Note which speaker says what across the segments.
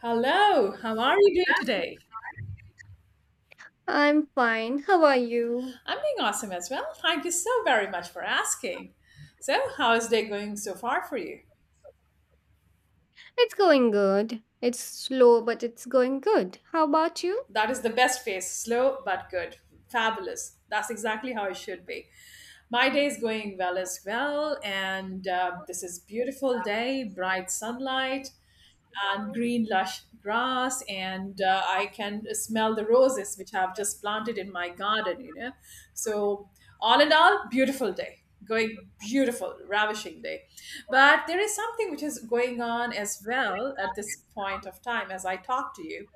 Speaker 1: Hello, how are you doing today?
Speaker 2: I'm fine. How are you?
Speaker 1: I'm doing awesome as well. Thank you so very much for asking. So, how is day going so far for you?
Speaker 2: It's going good. It's slow, but it's going good. How about you?
Speaker 1: That is the best pace, slow but good. Fabulous. That's exactly how it should be. My day is going well as well, and this is beautiful day, bright sunlight, and green lush grass and I can smell the roses which I've just planted in my garden. So all in all beautiful day, going beautiful ravishing day. But there is something which is going on as well at this point of time as I talk to you.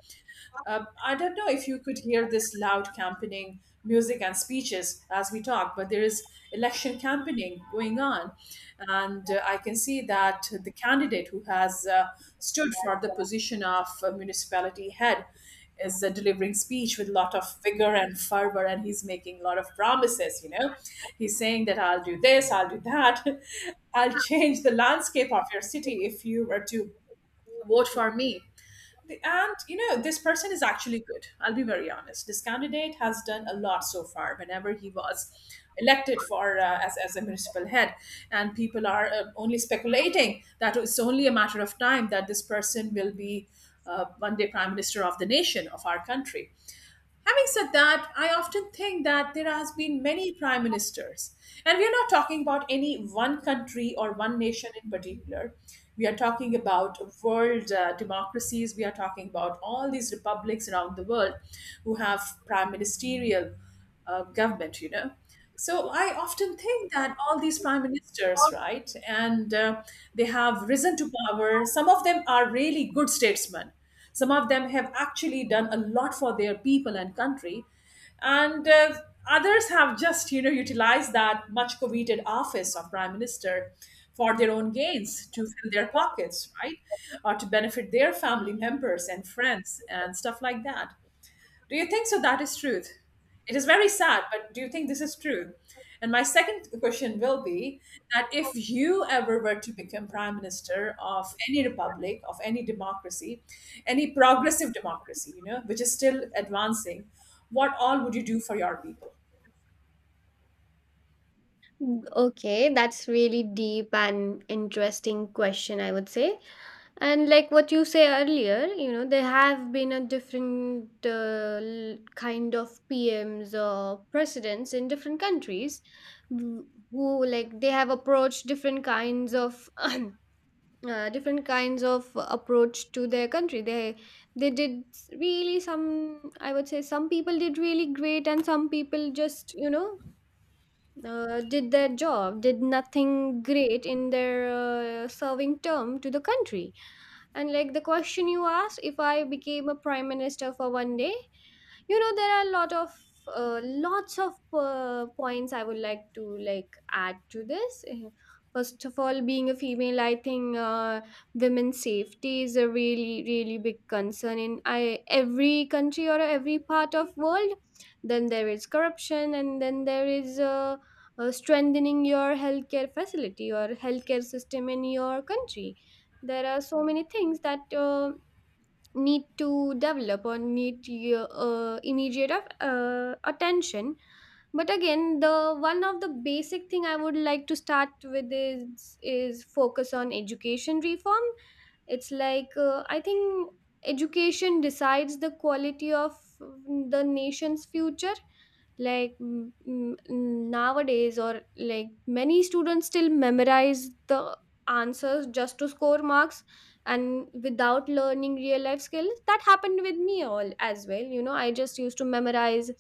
Speaker 1: I don't know if you could hear this loud campaigning music and speeches as we talk, but there is election campaigning going on. And I can see that the candidate who has stood for the position of municipality head is delivering speech with a lot of vigor and fervor, and he's making a lot of promises. He's saying that I'll do this, I'll do that, I'll change the landscape of your city if you were to vote for me. And you know, this person is actually good. I'll be very honest. This candidate has done a lot so far, whenever he was elected for, uh, as a municipal head. And people are only speculating that it's only a matter of time that this person will be, one day, prime minister of the nation of our country. Having said that, I often think that there has been many prime ministers, and we are not talking about any one country or one nation in particular. We are talking about world democracies. We are talking about all these republics around the world who have prime ministerial government. You know, so I often think that all these prime ministers, right, and they have risen to power. Some of them are really good statesmen. Some of them have actually done a lot for their people and country, and others have just, you know, utilized that much coveted office of prime minister for their own gains, to fill their pockets, right, or to benefit their family members and friends and stuff like that. Do you think so? That is truth. It is very sad, but do you think this is true? And my second question will be that if you ever were to become prime minister of any republic, of any democracy, any progressive democracy, you know, which is still advancing, what all would you do for your people?
Speaker 2: Okay, that's really deep and interesting question, I would say. And like what you say earlier, you know, there have been a different kind of PMs or presidents in different countries who like they have approached different kinds of approach to their country they did really some, I would say some people did really great, and some people just, you know, did their job, did nothing great in their serving term to the country. And like the question you asked, if I became a prime minister for one day, you know, there are a lot of, lots of points I would like to add to this. First of all, being a female, I think women's safety is a really, really big concern in every country or every part of world. Then there is corruption, and then there is, strengthening your healthcare facility or healthcare system in your country. There are so many things that need to develop or need your immediate attention. But again, the one of the basic thing I would like to start with is focus on education reform. It's like, I think education decides the quality of, the nation's future. Like, nowadays, or like, many students still memorize the answers just to score marks and without learning real life skills. That happened with me all as well, you know. I just used to memorize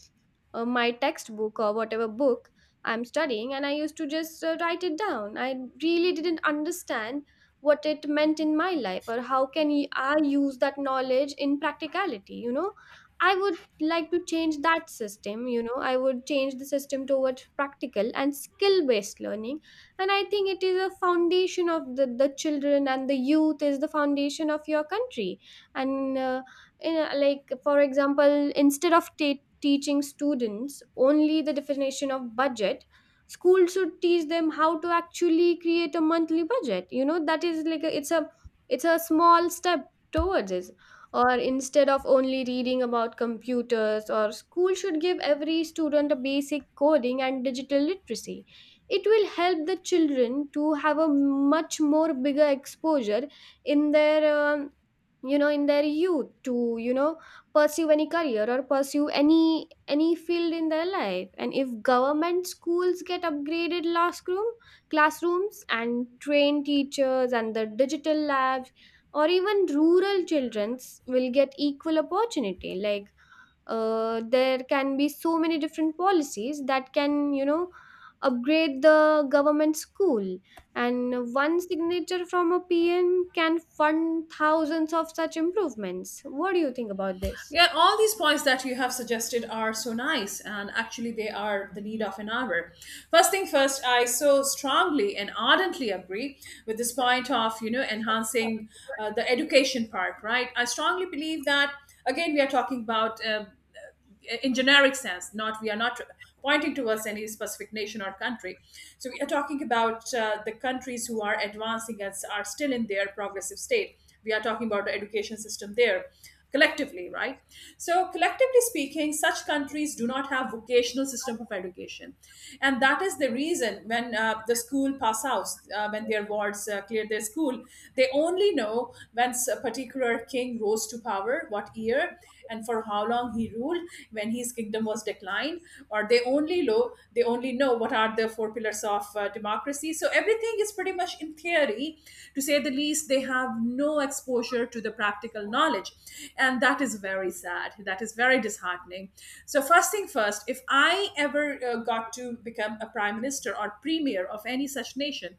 Speaker 2: my textbook or whatever book I'm studying, and I used to just write it down. I really didn't understand what it meant in my life, or how can I use that knowledge in practicality. I would like to change that system. You know, I would change the system towards practical and skill based learning. And I think it is a foundation of the children, and the youth is the foundation of your country. And like, for example, instead of teaching students only the definition of budget, schools should teach them how to actually create a monthly budget. You know, that is like a, it's a small step towards it. Or instead of only reading about computers, or school should give every student a basic coding and digital literacy. It will help the children to have a much more bigger exposure in their, you know, in their youth, to, you know, pursue any career or pursue any field in their life. And if government schools get upgraded classrooms and trained teachers and the digital labs, or even rural childrens will get equal opportunity. Like, there can be so many different policies that can, you know, upgrade the government school. And one signature from a PM can fund thousands of such improvements. What do you think about this?
Speaker 1: Yeah, all these points that you have suggested are so nice, and actually, they are the need of an hour. First thing first, I so strongly and ardently agree with this point of, you know, enhancing the education part. Right, I strongly believe that again we are talking about. In generic sense, not we are not pointing towards any specific nation or country, so we are talking about the countries who are advancing and are still in their progressive state. We are talking about the education system there collectively, right? So collectively speaking, such countries do not have vocational system of education, and that is the reason when, the school pass out, when their wards clear their school, they only know when a particular king rose to power, what year, and for how long he ruled, when his kingdom was declined. Or they only know, they only know what are the four pillars of democracy. So everything is pretty much in theory, to say the least. They have no exposure to the practical knowledge, and that is very sad, that is very disheartening. So first thing first, if I ever got to become a prime minister or premier of any such nation,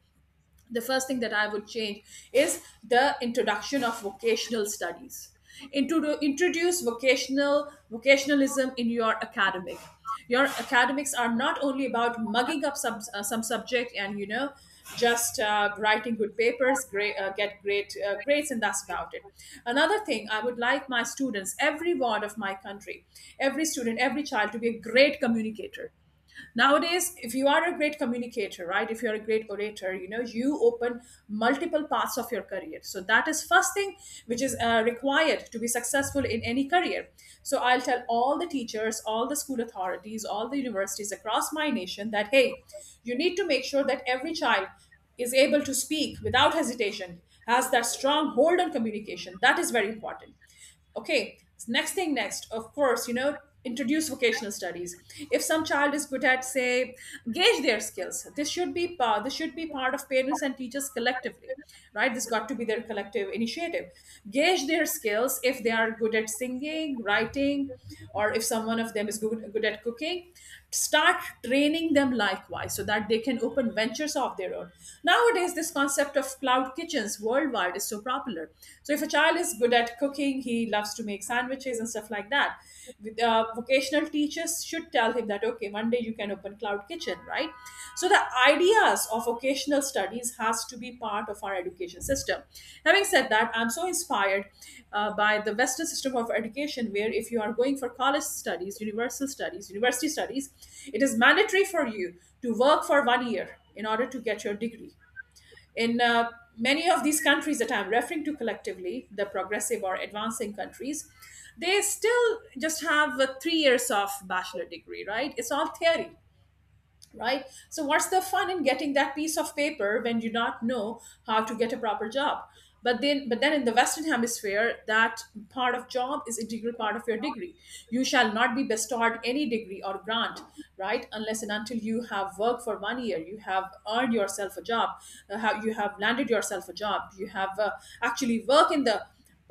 Speaker 1: the first thing that I would change is the introduction of vocational studies. Introduce vocational vocationalism in your academic. Your academics are not only about mugging up some, some subject, and you know, just writing good papers, great, get great grades, and that's about it. Another thing, I would like my students, every ward of my country, every student, every child, to be a great communicator. Nowadays if you are a great communicator, right, if you're a great orator, you know, you open multiple paths of your career. So that is first thing which is required to be successful in any career. So I'll tell all the teachers, all the school authorities, all the universities across my nation that, hey, you need to make sure that every child is able to speak without hesitation, has that strong hold on communication. That is very important. Okay, next thing next, of course, you know, introduce vocational studies. If some child is good at, say, gauge their skills, this should be part of parents and teachers collectively, right? This got to be their collective initiative. Gauge their skills. If they are good at singing, writing, or if someone of them is good at cooking, start training them likewise so that they can open ventures of their own. Nowadays this concept of cloud kitchens worldwide is so popular. So if a child is good at cooking, he loves to make sandwiches and stuff like that. With, vocational teachers should tell him that, okay, one day you can open cloud kitchen, right? So the ideas of occasional studies has to be part of our education system. Having said that, I'm so inspired by the western system of education, where if you are going for college studies, universal studies, university studies, it is mandatory for you to work for 1 year in order to get your degree. In many of these countries that I'm referring to collectively, the progressive or advancing countries, they still just have a 3 years of bachelor degree, right? It's all theory, right? So what's the fun in getting that piece of paper when you not know how to get a proper job? But then, in the western hemisphere, that part of job is integral part of your degree. You shall not be bestowed any degree or grant, right, unless and until you have worked for 1 year, you have earned yourself a job, how you have landed yourself a job, you have actually worked in the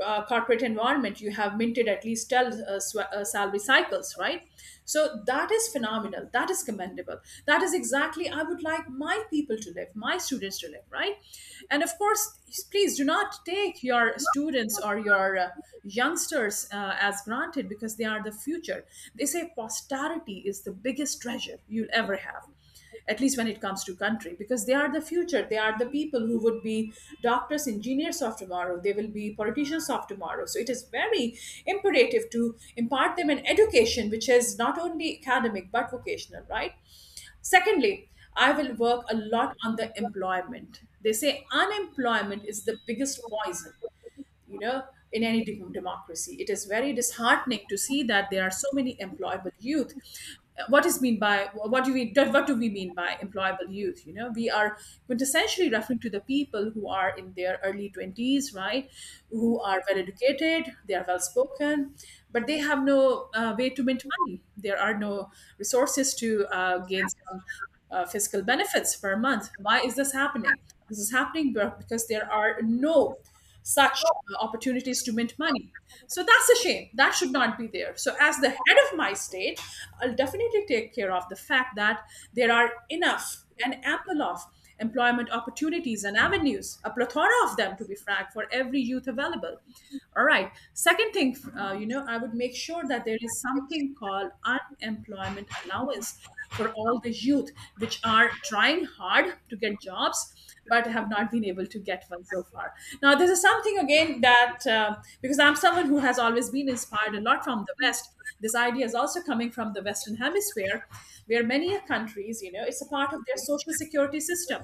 Speaker 1: corporate environment, you have minted at least 12 salary cycles, right? So that is phenomenal, that is commendable. That is exactly I would like my people to live, my students to live, right? And of course, please do not take your students or your youngsters as granted, because they are the future. They say posterity is the biggest treasure you'll ever have, at least when it comes to country, because they are the future, they are the people who would be doctors, engineers of tomorrow, they will be politicians of tomorrow. So it is very imperative to impart them an education which is not only academic but vocational, right? Secondly, I will work a lot on the employment. They say unemployment is the biggest poison, you know, in any democracy. It is very disheartening to see that there are so many employable youth. What is mean by what do we what do we mean by employable youth? You know, we are quintessentially referring to the people who are in their early 20s, right, who are well educated, they are well spoken, but they have no way to mint money. There are no resources to gain some fiscal benefits per month. Why is this happening? This is happening because there are no such opportunities to mint money. So that's a shame. That should not be there. So, as the head of my state, I'll definitely take care of the fact that there are enough and ample of employment opportunities and avenues, a plethora of them, to be frank, for every youth available. All right. Second thing, you know, I would make sure that there is something called unemployment allowance for all the youth which are trying hard to get jobs but have not been able to get one so far. Now, this is something again that, because I'm someone who has always been inspired a lot from the West, this idea is also coming from the Western Hemisphere, where many countries, you know, it's a part of their social security system.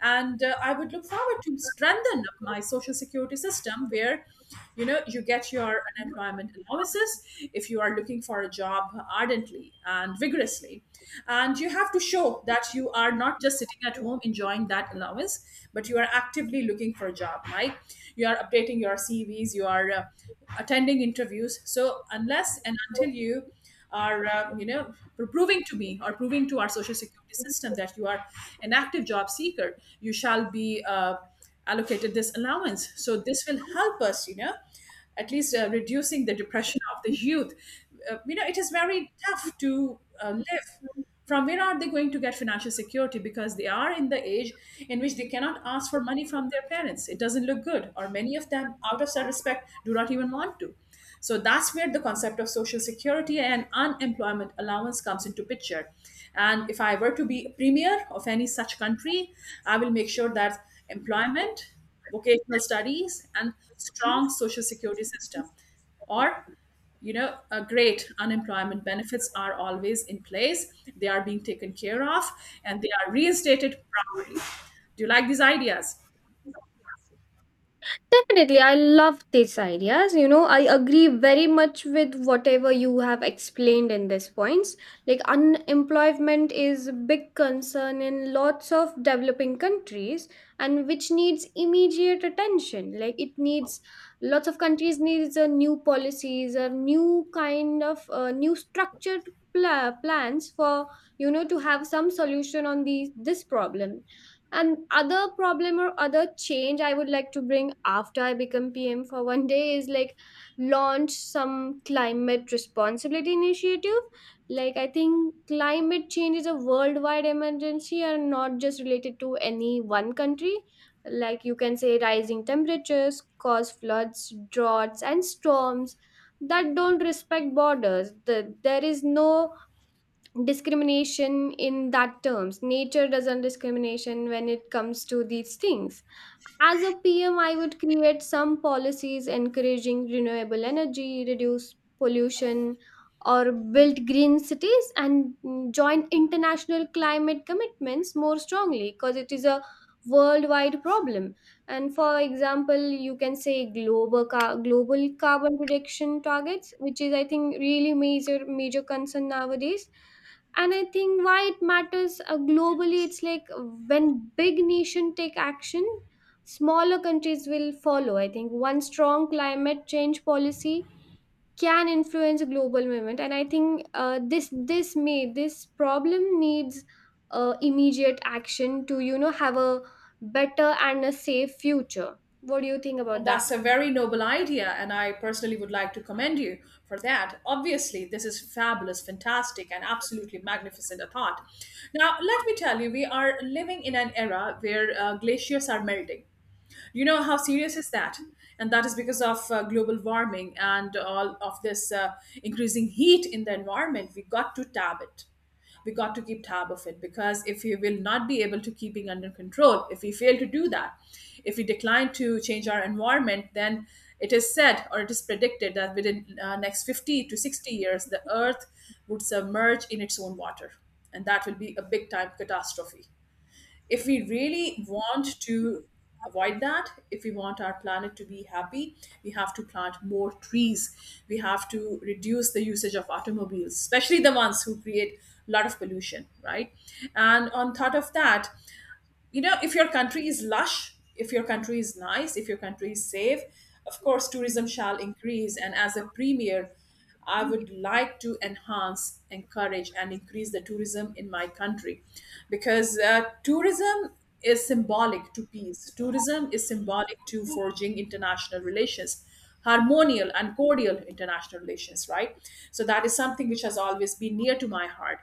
Speaker 1: And I would look forward to strengthen my social security system where you get your unemployment allowances if you are looking for a job ardently and vigorously, and you have to show that you are not just sitting at home enjoying that allowance, but you are actively looking for a job, right? You are updating your CVs, you are attending interviews. So unless and until you are proving to me or proving to our social security system that you are an active job seeker, you shall be allocated this allowance. So this will help us, at least reducing the depression of the youth. It is very tough to live. From where are they going to get financial security? Because they are in the age in which they cannot ask for money from their parents. It doesn't look good, or many of them, out of self-respect, do not even want to. So that's where the concept of social security and unemployment allowance comes into picture. And if I were to be a premier of any such country, I will make sure that employment, vocational studies, and strong social security system, or you know, a great unemployment benefits are always in place, they are being taken care of, and they are reinstated properly. Do you like these ideas?
Speaker 2: Definitely, I love these ideas. You know, I agree very much with whatever you have explained in these points. Like, unemployment is a big concern in lots of developing countries, and which needs immediate attention. Like, it needs lots of countries needs a new policies or new kind of new structured plans for, you know, to have some solution on these this problem. And other problem or other change I would like to bring after I become PM for one day is like launch some climate responsibility initiative. Like, I think climate change is a worldwide emergency and not just related to any one country. Like, you can say rising temperatures cause floods, droughts and storms that don't respect borders. There is no discrimination in that terms. Nature doesn't discrimination when it comes to these things. As a PM, I would create some policies encouraging renewable energy, reduce pollution, or build green cities, and join international climate commitments more strongly, because it is a worldwide problem. And for example, you can say global global carbon reduction targets, which is, I think, really major, major concern nowadays. And I think why it matters, globally, it's like when big nation take action, smaller countries will follow. I think one strong climate change policy can influence global movement. And I think, this problem needs immediate action to, you know, have a better and a safe future. What do you think about that?
Speaker 1: That's a very noble idea, and I personally would like to commend you for that. Obviously, this is fabulous, fantastic, and absolutely magnificent a thought. Now, let me tell you, we are living in an era where glaciers are melting. You know how serious is that? And that is because of global warming and all of this increasing heat in the environment. We got to tab it, we got to keep tab of it, because if we will not be able to keeping under control, if we fail to do that, if we decline to change our environment, then it is said or it is predicted that within next 50 to 60 years the earth would submerge in its own water, and that will be a big time catastrophe. If we really want to avoid that, if we want our planet to be happy, we have to plant more trees, we have to reduce the usage of automobiles, especially the ones who create a lot of pollution, right? And on top of that, you know, if your country is lush, if your country is nice, if your country is safe, of course tourism shall increase. And as a premier, I would like to enhance, encourage, and increase the tourism in my country, because tourism is symbolic to peace, tourism is symbolic to forging international relations, harmonial and cordial international relations, right? So that is something which has always been near to my heart.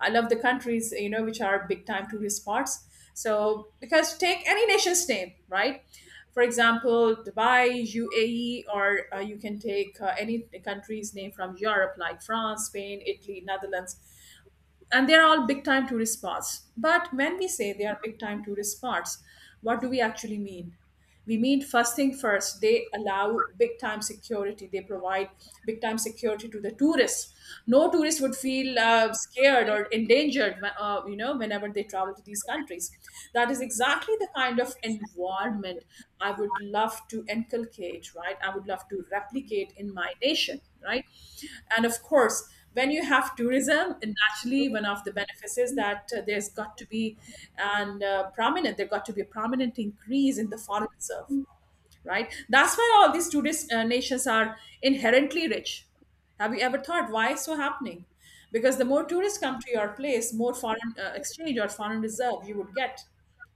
Speaker 1: I love the countries, you know, which are big time tourist spots. So because take any nation's name, right? For example, Dubai, UAE, or you can take any country's name from Europe, like France, Spain, Italy, Netherlands, and they're all big time tourist spots. But when we say they are big time tourist spots, what do we actually mean? We mean first thing first, they allow big time security. They provide big time security to the tourists. No tourist would feel scared or endangered, whenever they travel to these countries. That is exactly the kind of environment I would love to inculcate, right? I would love to replicate in my nation, right? And of course, when you have tourism, and naturally one of the benefits is that there's got to be an prominent, there got to be a prominent increase in the foreign reserve, right? That's why all these nations are inherently rich. Have you ever thought why it's so happening? Because the more tourists come to your place, more foreign exchange or foreign reserve you would get,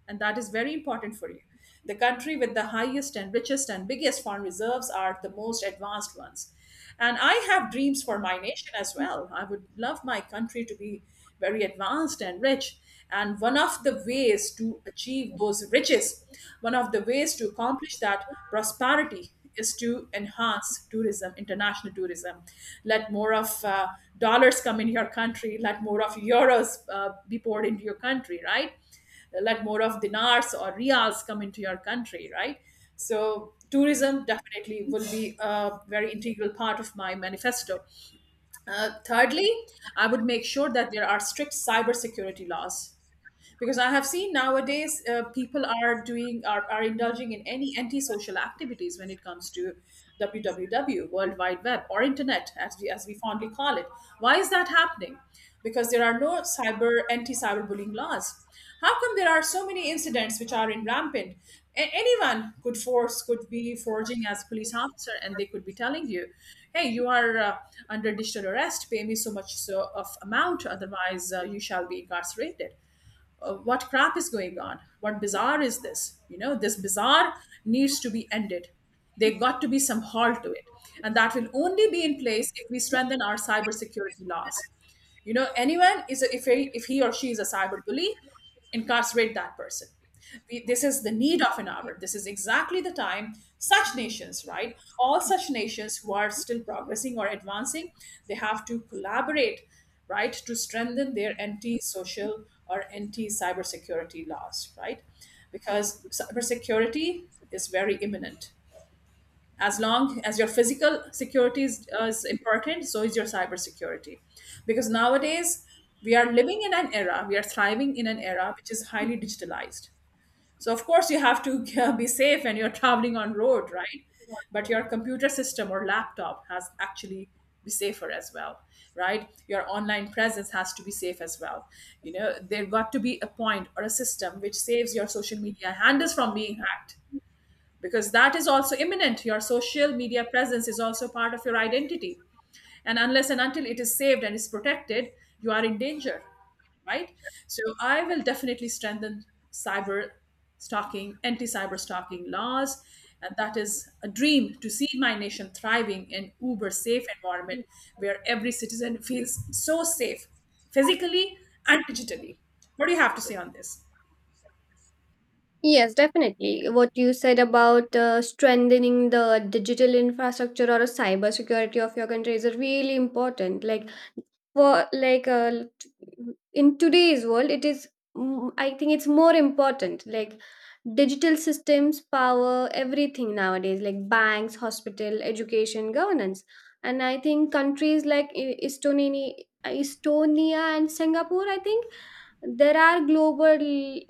Speaker 1: and that is very important for you. The country with the highest and richest and biggest foreign reserves are the most advanced ones. And I have dreams for my nation as well. I would love my country to be very advanced and rich. And one of the ways to achieve those riches, one of the ways to accomplish that prosperity is to enhance tourism, international tourism. Let more of dollars come in your country, let more of euros be poured into your country, right? Let more of dinars or rials come into your country, right? So, tourism definitely will be a very integral part of my manifesto. Thirdly, I would make sure that there are strict cybersecurity laws, because I have seen nowadays people are indulging in any antisocial activities when it comes to www, world wide web, or internet as we fondly call it. Why is that happening? Because there are no cyber, anti cyberbullying laws. How come there are so many incidents which are in rampant? Anyone could be forging as a police officer, and they could be telling you, hey, you are under digital arrest, pay me so much so of amount, otherwise you shall be incarcerated. What crap is going on, what bizarre is this? You know, this bizarre needs to be ended, there got to be some halt to it. And that will only be in place if we strengthen our cybersecurity laws. You know, anyone is a, if he or she is a cyber bully, incarcerate that person. This is the need of an hour. This is exactly the time such nations, right, all such nations who are still progressing or advancing, they have to collaborate, right, to strengthen their anti-social or anti-cybersecurity laws, right? Because cybersecurity is very imminent. As long as your physical security is important, so is your cybersecurity. Because nowadays, we are living in an era, we are thriving in an era which is highly digitalized. So of course you have to be safe when you're traveling on road, right? But your computer system or laptop has actually be safer as well, right? Your online presence has to be safe as well. You know, there got to be a point or a system which saves your social media handles from being hacked, because that is also imminent. Your social media presence is also part of your identity. And unless and until it is saved and is protected, you are in danger, right? So I will definitely strengthen cyber stalking, anti cyber stalking laws. And that is a dream to see my nation thriving in uber safe environment, where every citizen feels so safe physically and digitally. What do you have to say on this?
Speaker 2: Yes, definitely. What you said about strengthening the digital infrastructure or a cyber security of your country is really important. Like, for like in today's world, it is, I think it's more important. Like, digital systems power everything nowadays, like banks, hospital, education, governance. And I think countries like estonia, and singapore, I think, there are global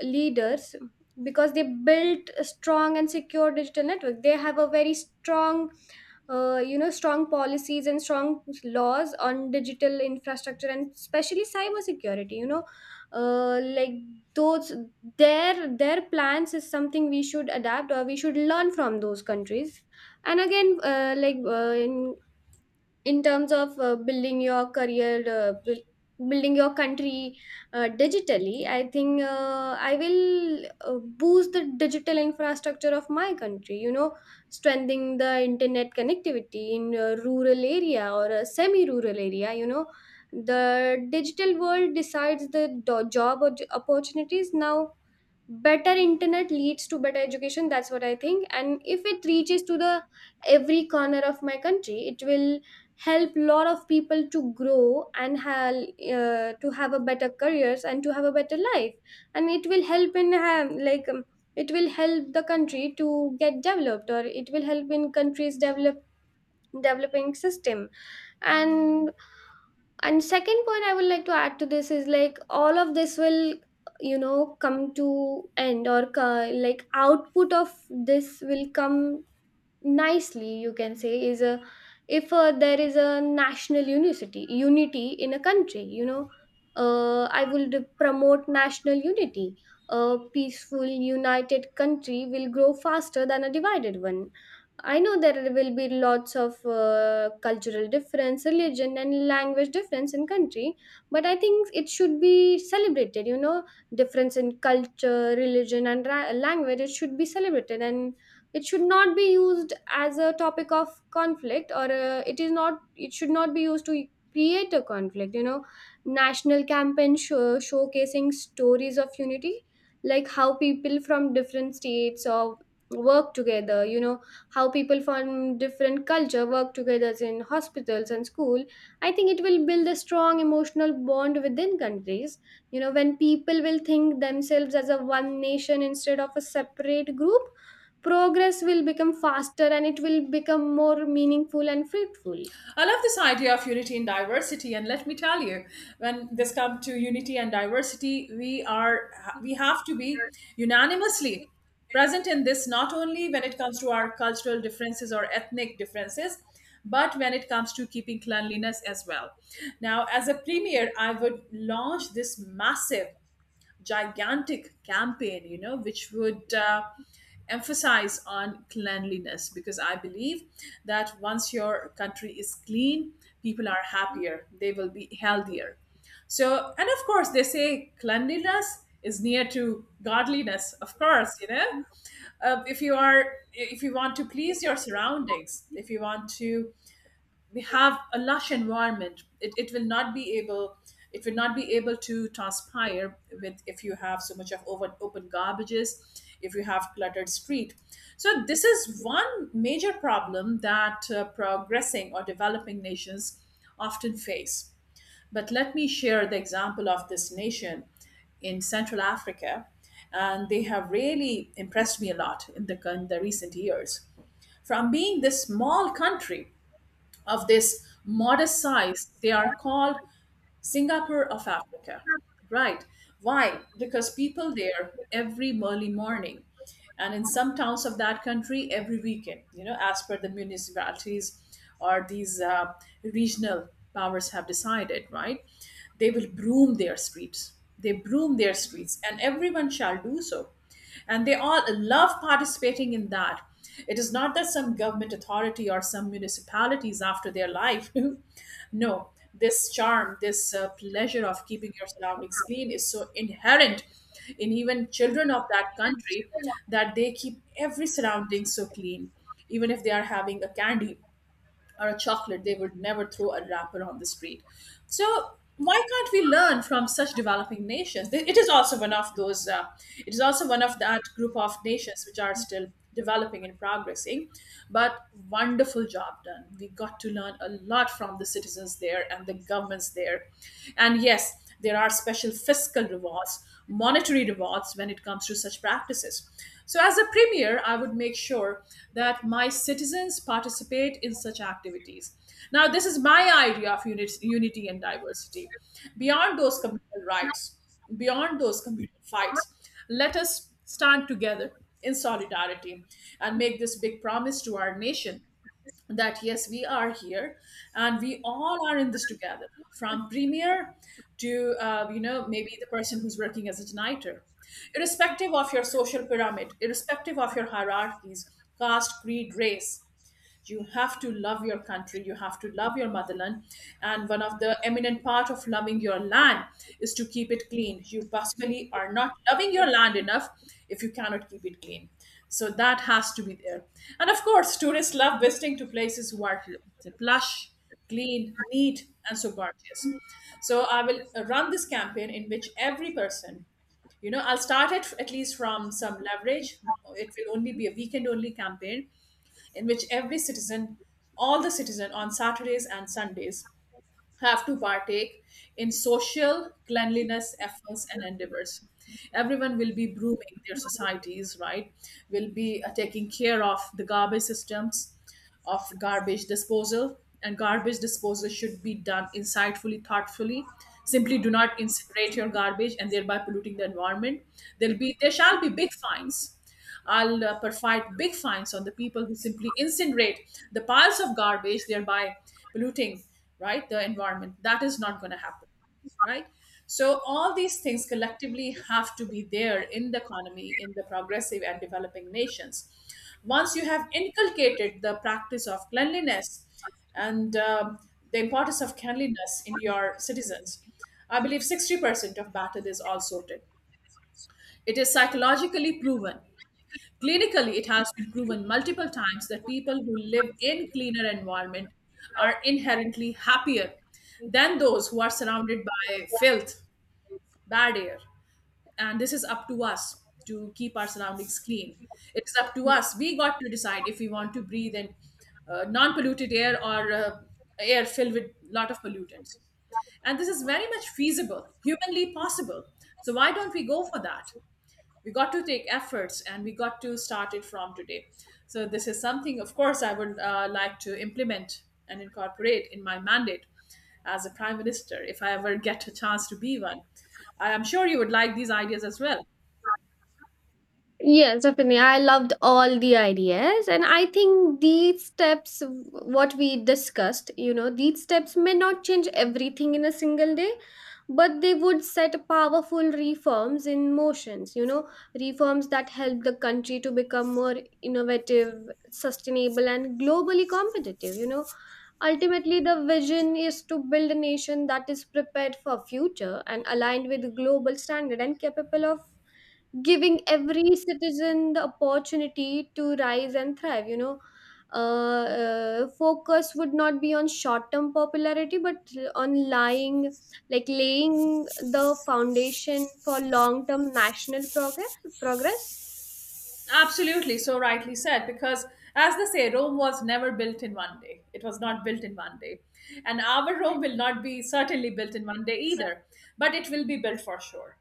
Speaker 2: leaders, because they built a strong and secure digital network. They have a very strong, you know, strong policies and strong laws on digital infrastructure, and especially cyber security. You know, like, those, their plans is something we should adapt or we should learn from those countries. And again, in terms of, building your career, building your country digitally, I think, I will boost the digital infrastructure of my country, you know, strengthening the internet connectivity in a rural area or a semi rural area. You know, the digital world decides the job opportunities now. Better internet leads to better education, that's what I think. And if it reaches to the every corner of my country, it will help lot of people to grow and have, to have a better careers and to have a better life. And it will help in, it will help the country to get developed, or it will help in countries developing system. and and second point I would like to add to this is like, all of this will, you know, come to end or like, output of this will come nicely, you can say, is a, if, there is a national unity in a country, you know, I would promote national unity. A peaceful united country will grow faster than a divided one. I know there will be lots of cultural difference, religion and language difference in country, but I think it should be celebrated. You know, difference in culture, religion and language, it should be celebrated, and it should not be used as a topic of conflict. Or, it should not be used to create a conflict. You know, national campaign showcasing stories of unity, like how people from different states or work together, you know, how people from different culture work together in hospitals and school. I think it will build a strong emotional bond within countries. You know, when people will think themselves as a one nation instead of a separate group, progress will become faster, and it will become more meaningful and fruitful.
Speaker 1: I love this idea of unity and diversity, and let me tell you, when this comes to unity and diversity, we have to be unanimously present in this, not only when it comes to our cultural differences or ethnic differences, but when it comes to keeping cleanliness as well. Now, as a premier, I would launch this massive, gigantic campaign, you know, which would emphasize on cleanliness, because I believe that once your country is clean, people are happier, they will be healthier. So, and of course, they say cleanliness is near to godliness, of course, you know. If you are, if you want to please your surroundings, if you want to, we have a lush environment, it will not be able, it will not be able to transpire with, if you have so much of open, open garbages, if you have cluttered street. So this is one major problem that progressing or developing nations often face. But let me share the example of this nation in central Africa, and they have really impressed me a lot in in the recent years. From being this small country of this modest size, they are called Singapore of Africa, right? Why? Because people there every early morning, and in some towns of that country every weekend, you know, as per the municipalities or these regional powers have decided, right? They will broom their streets. They broom their streets, and everyone shall do so, and they all love participating in that. It is not that some government authority or some municipalities after their life no, this charm, this pleasure of keeping your surroundings clean is so inherent in even children of that country, that they keep every surrounding so clean. Even if they are having a candy or a chocolate, they would never throw a wrapper on the street. So why can't we learn from such developing nations? It is also one of those. It is also one of that group of nations which are still developing and progressing. But wonderful job done. We got to learn a lot from the citizens there and the governments there. And yes, there are special fiscal rewards, monetary rewards when it comes to such practices. So, as a premier, I would make sure that my citizens participate in such activities. Now, this is my idea of unity and diversity. Beyond those communal rights, beyond those communal fights, let us stand together in solidarity and make this big promise to our nation that yes, we are here and we all are in this together, from premier to maybe the person who's working as a nighter, irrespective of your social pyramid, irrespective of your hierarchies, caste, creed, race. You have to love your country, you have to love your motherland, and one of the eminent part of loving your land is to keep it clean. You basically are not loving your land enough if you cannot keep it clean. So that has to be there, and of course tourists love visiting to places who are plush, clean, neat and so gorgeous. So I will run this campaign in which every person, I'll start it at least from some leverage. It will only be a weekend only campaign in which every citizen, all the citizen on Saturdays and Sundays, have to partake in social cleanliness efforts and endeavors. Everyone will be brooming their societies, right? Will be taking care of the garbage systems, of garbage disposal, and garbage disposal should be done insightfully, thoughtfully. Simply do not incinerate your garbage and thereby polluting the environment. There shall be big fines. I'll provide big fines on the people who simply incinerate the piles of garbage, thereby polluting, right, the environment. That is not going to happen, right? So all these things collectively have to be there in the economy, in the progressive and developing nations. Once you have inculcated the practice of cleanliness and the importance of cleanliness in your citizens, I believe 60% of battle is all sorted. It is psychologically proven. Clinically, it has been proven multiple times that people who live in cleaner environment are inherently happier than those who are surrounded by filth, bad air. And this is up to us to keep our surroundings clean. It's up to us. We got to decide if we want to breathe in non-polluted air or air filled with lot of pollutants. And this is very much feasible, humanly possible. So why don't we go for that? We got to take efforts and we got to start it from today. So this is something of course I would like to implement and incorporate in my mandate as a prime minister, if I ever get a chance to be one. I am sure you would like these ideas as well.
Speaker 2: Yes, definitely. I loved all the ideas. And I think these steps, what we discussed, you know, these steps may not change everything in a single day, but they would set powerful reforms in motions, you know, reforms that help the country to become more innovative, sustainable, and globally competitive, you know. Ultimately, the vision is to build a nation that is prepared for future and aligned with global standard and capable of giving every citizen the opportunity to rise and thrive. You know, focus would not be on short-term popularity, but on lying, like, laying the foundation for long-term national progress. Progress.
Speaker 1: Absolutely, so rightly said, because as they say, Rome was never built in one day. It was not built in one day. And our Rome will not be certainly built in one day either, but it will be built for sure.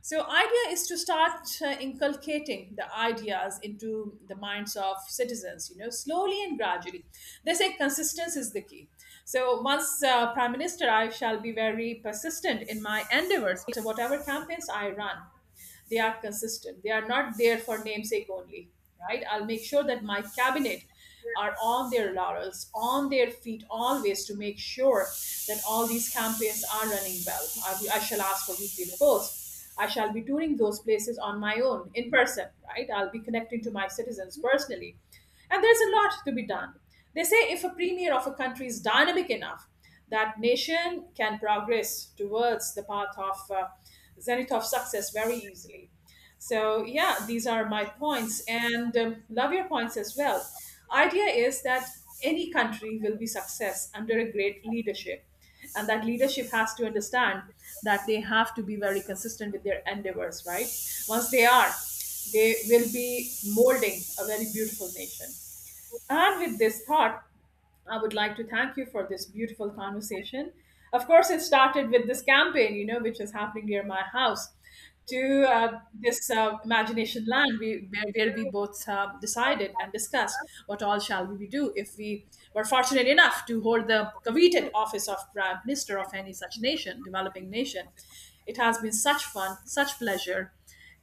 Speaker 1: So, idea is to start inculcating the ideas into the minds of citizens, you know, slowly and gradually. They say consistency is the key. So, once Prime Minister, I shall be very persistent in my endeavors, so whatever campaigns I run. They are consistent. They are not there for namesake only, right? I'll make sure that my cabinet are on their laurels, on their feet always to make sure that all these campaigns are running well. I shall ask for weekly reports. I shall be touring those places on my own, in person, right? I'll be connecting to my citizens personally. And there's a lot to be done. They say if a premier of a country is dynamic enough, that nation can progress towards the path of zenith of success very easily. So yeah, these are my points, and love your points as well. Idea is that any country will be success under a great leadership, and that leadership has to understand that they have to be very consistent with their endeavors. Right? Once they are, they will be molding a very beautiful nation. And with this thought, I would like to thank you for this beautiful conversation. Of course, it started with this campaign, you know, which is happening near my house, to this imagination land where we both decided and discussed what all shall we do if we were fortunate enough to hold the coveted office of prime minister of any such nation, developing nation. It has been such fun, such pleasure,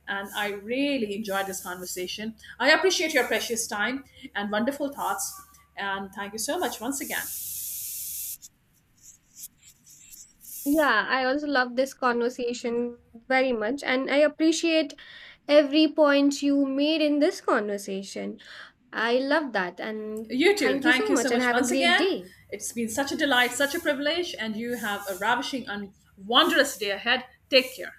Speaker 1: and I really enjoyed this conversation. I appreciate your precious time and wonderful thoughts. And thank you so much once again.
Speaker 2: Yeah, I also love this conversation very much, and I appreciate every point you made in this conversation. I love that. And
Speaker 1: You too.
Speaker 2: thank you
Speaker 1: Thank
Speaker 2: so
Speaker 1: you so
Speaker 2: much, and
Speaker 1: much
Speaker 2: have a
Speaker 1: once
Speaker 2: great
Speaker 1: again.
Speaker 2: day.
Speaker 1: It's been such a delight, such a privilege, and you have a ravishing and wondrous day ahead. Take care.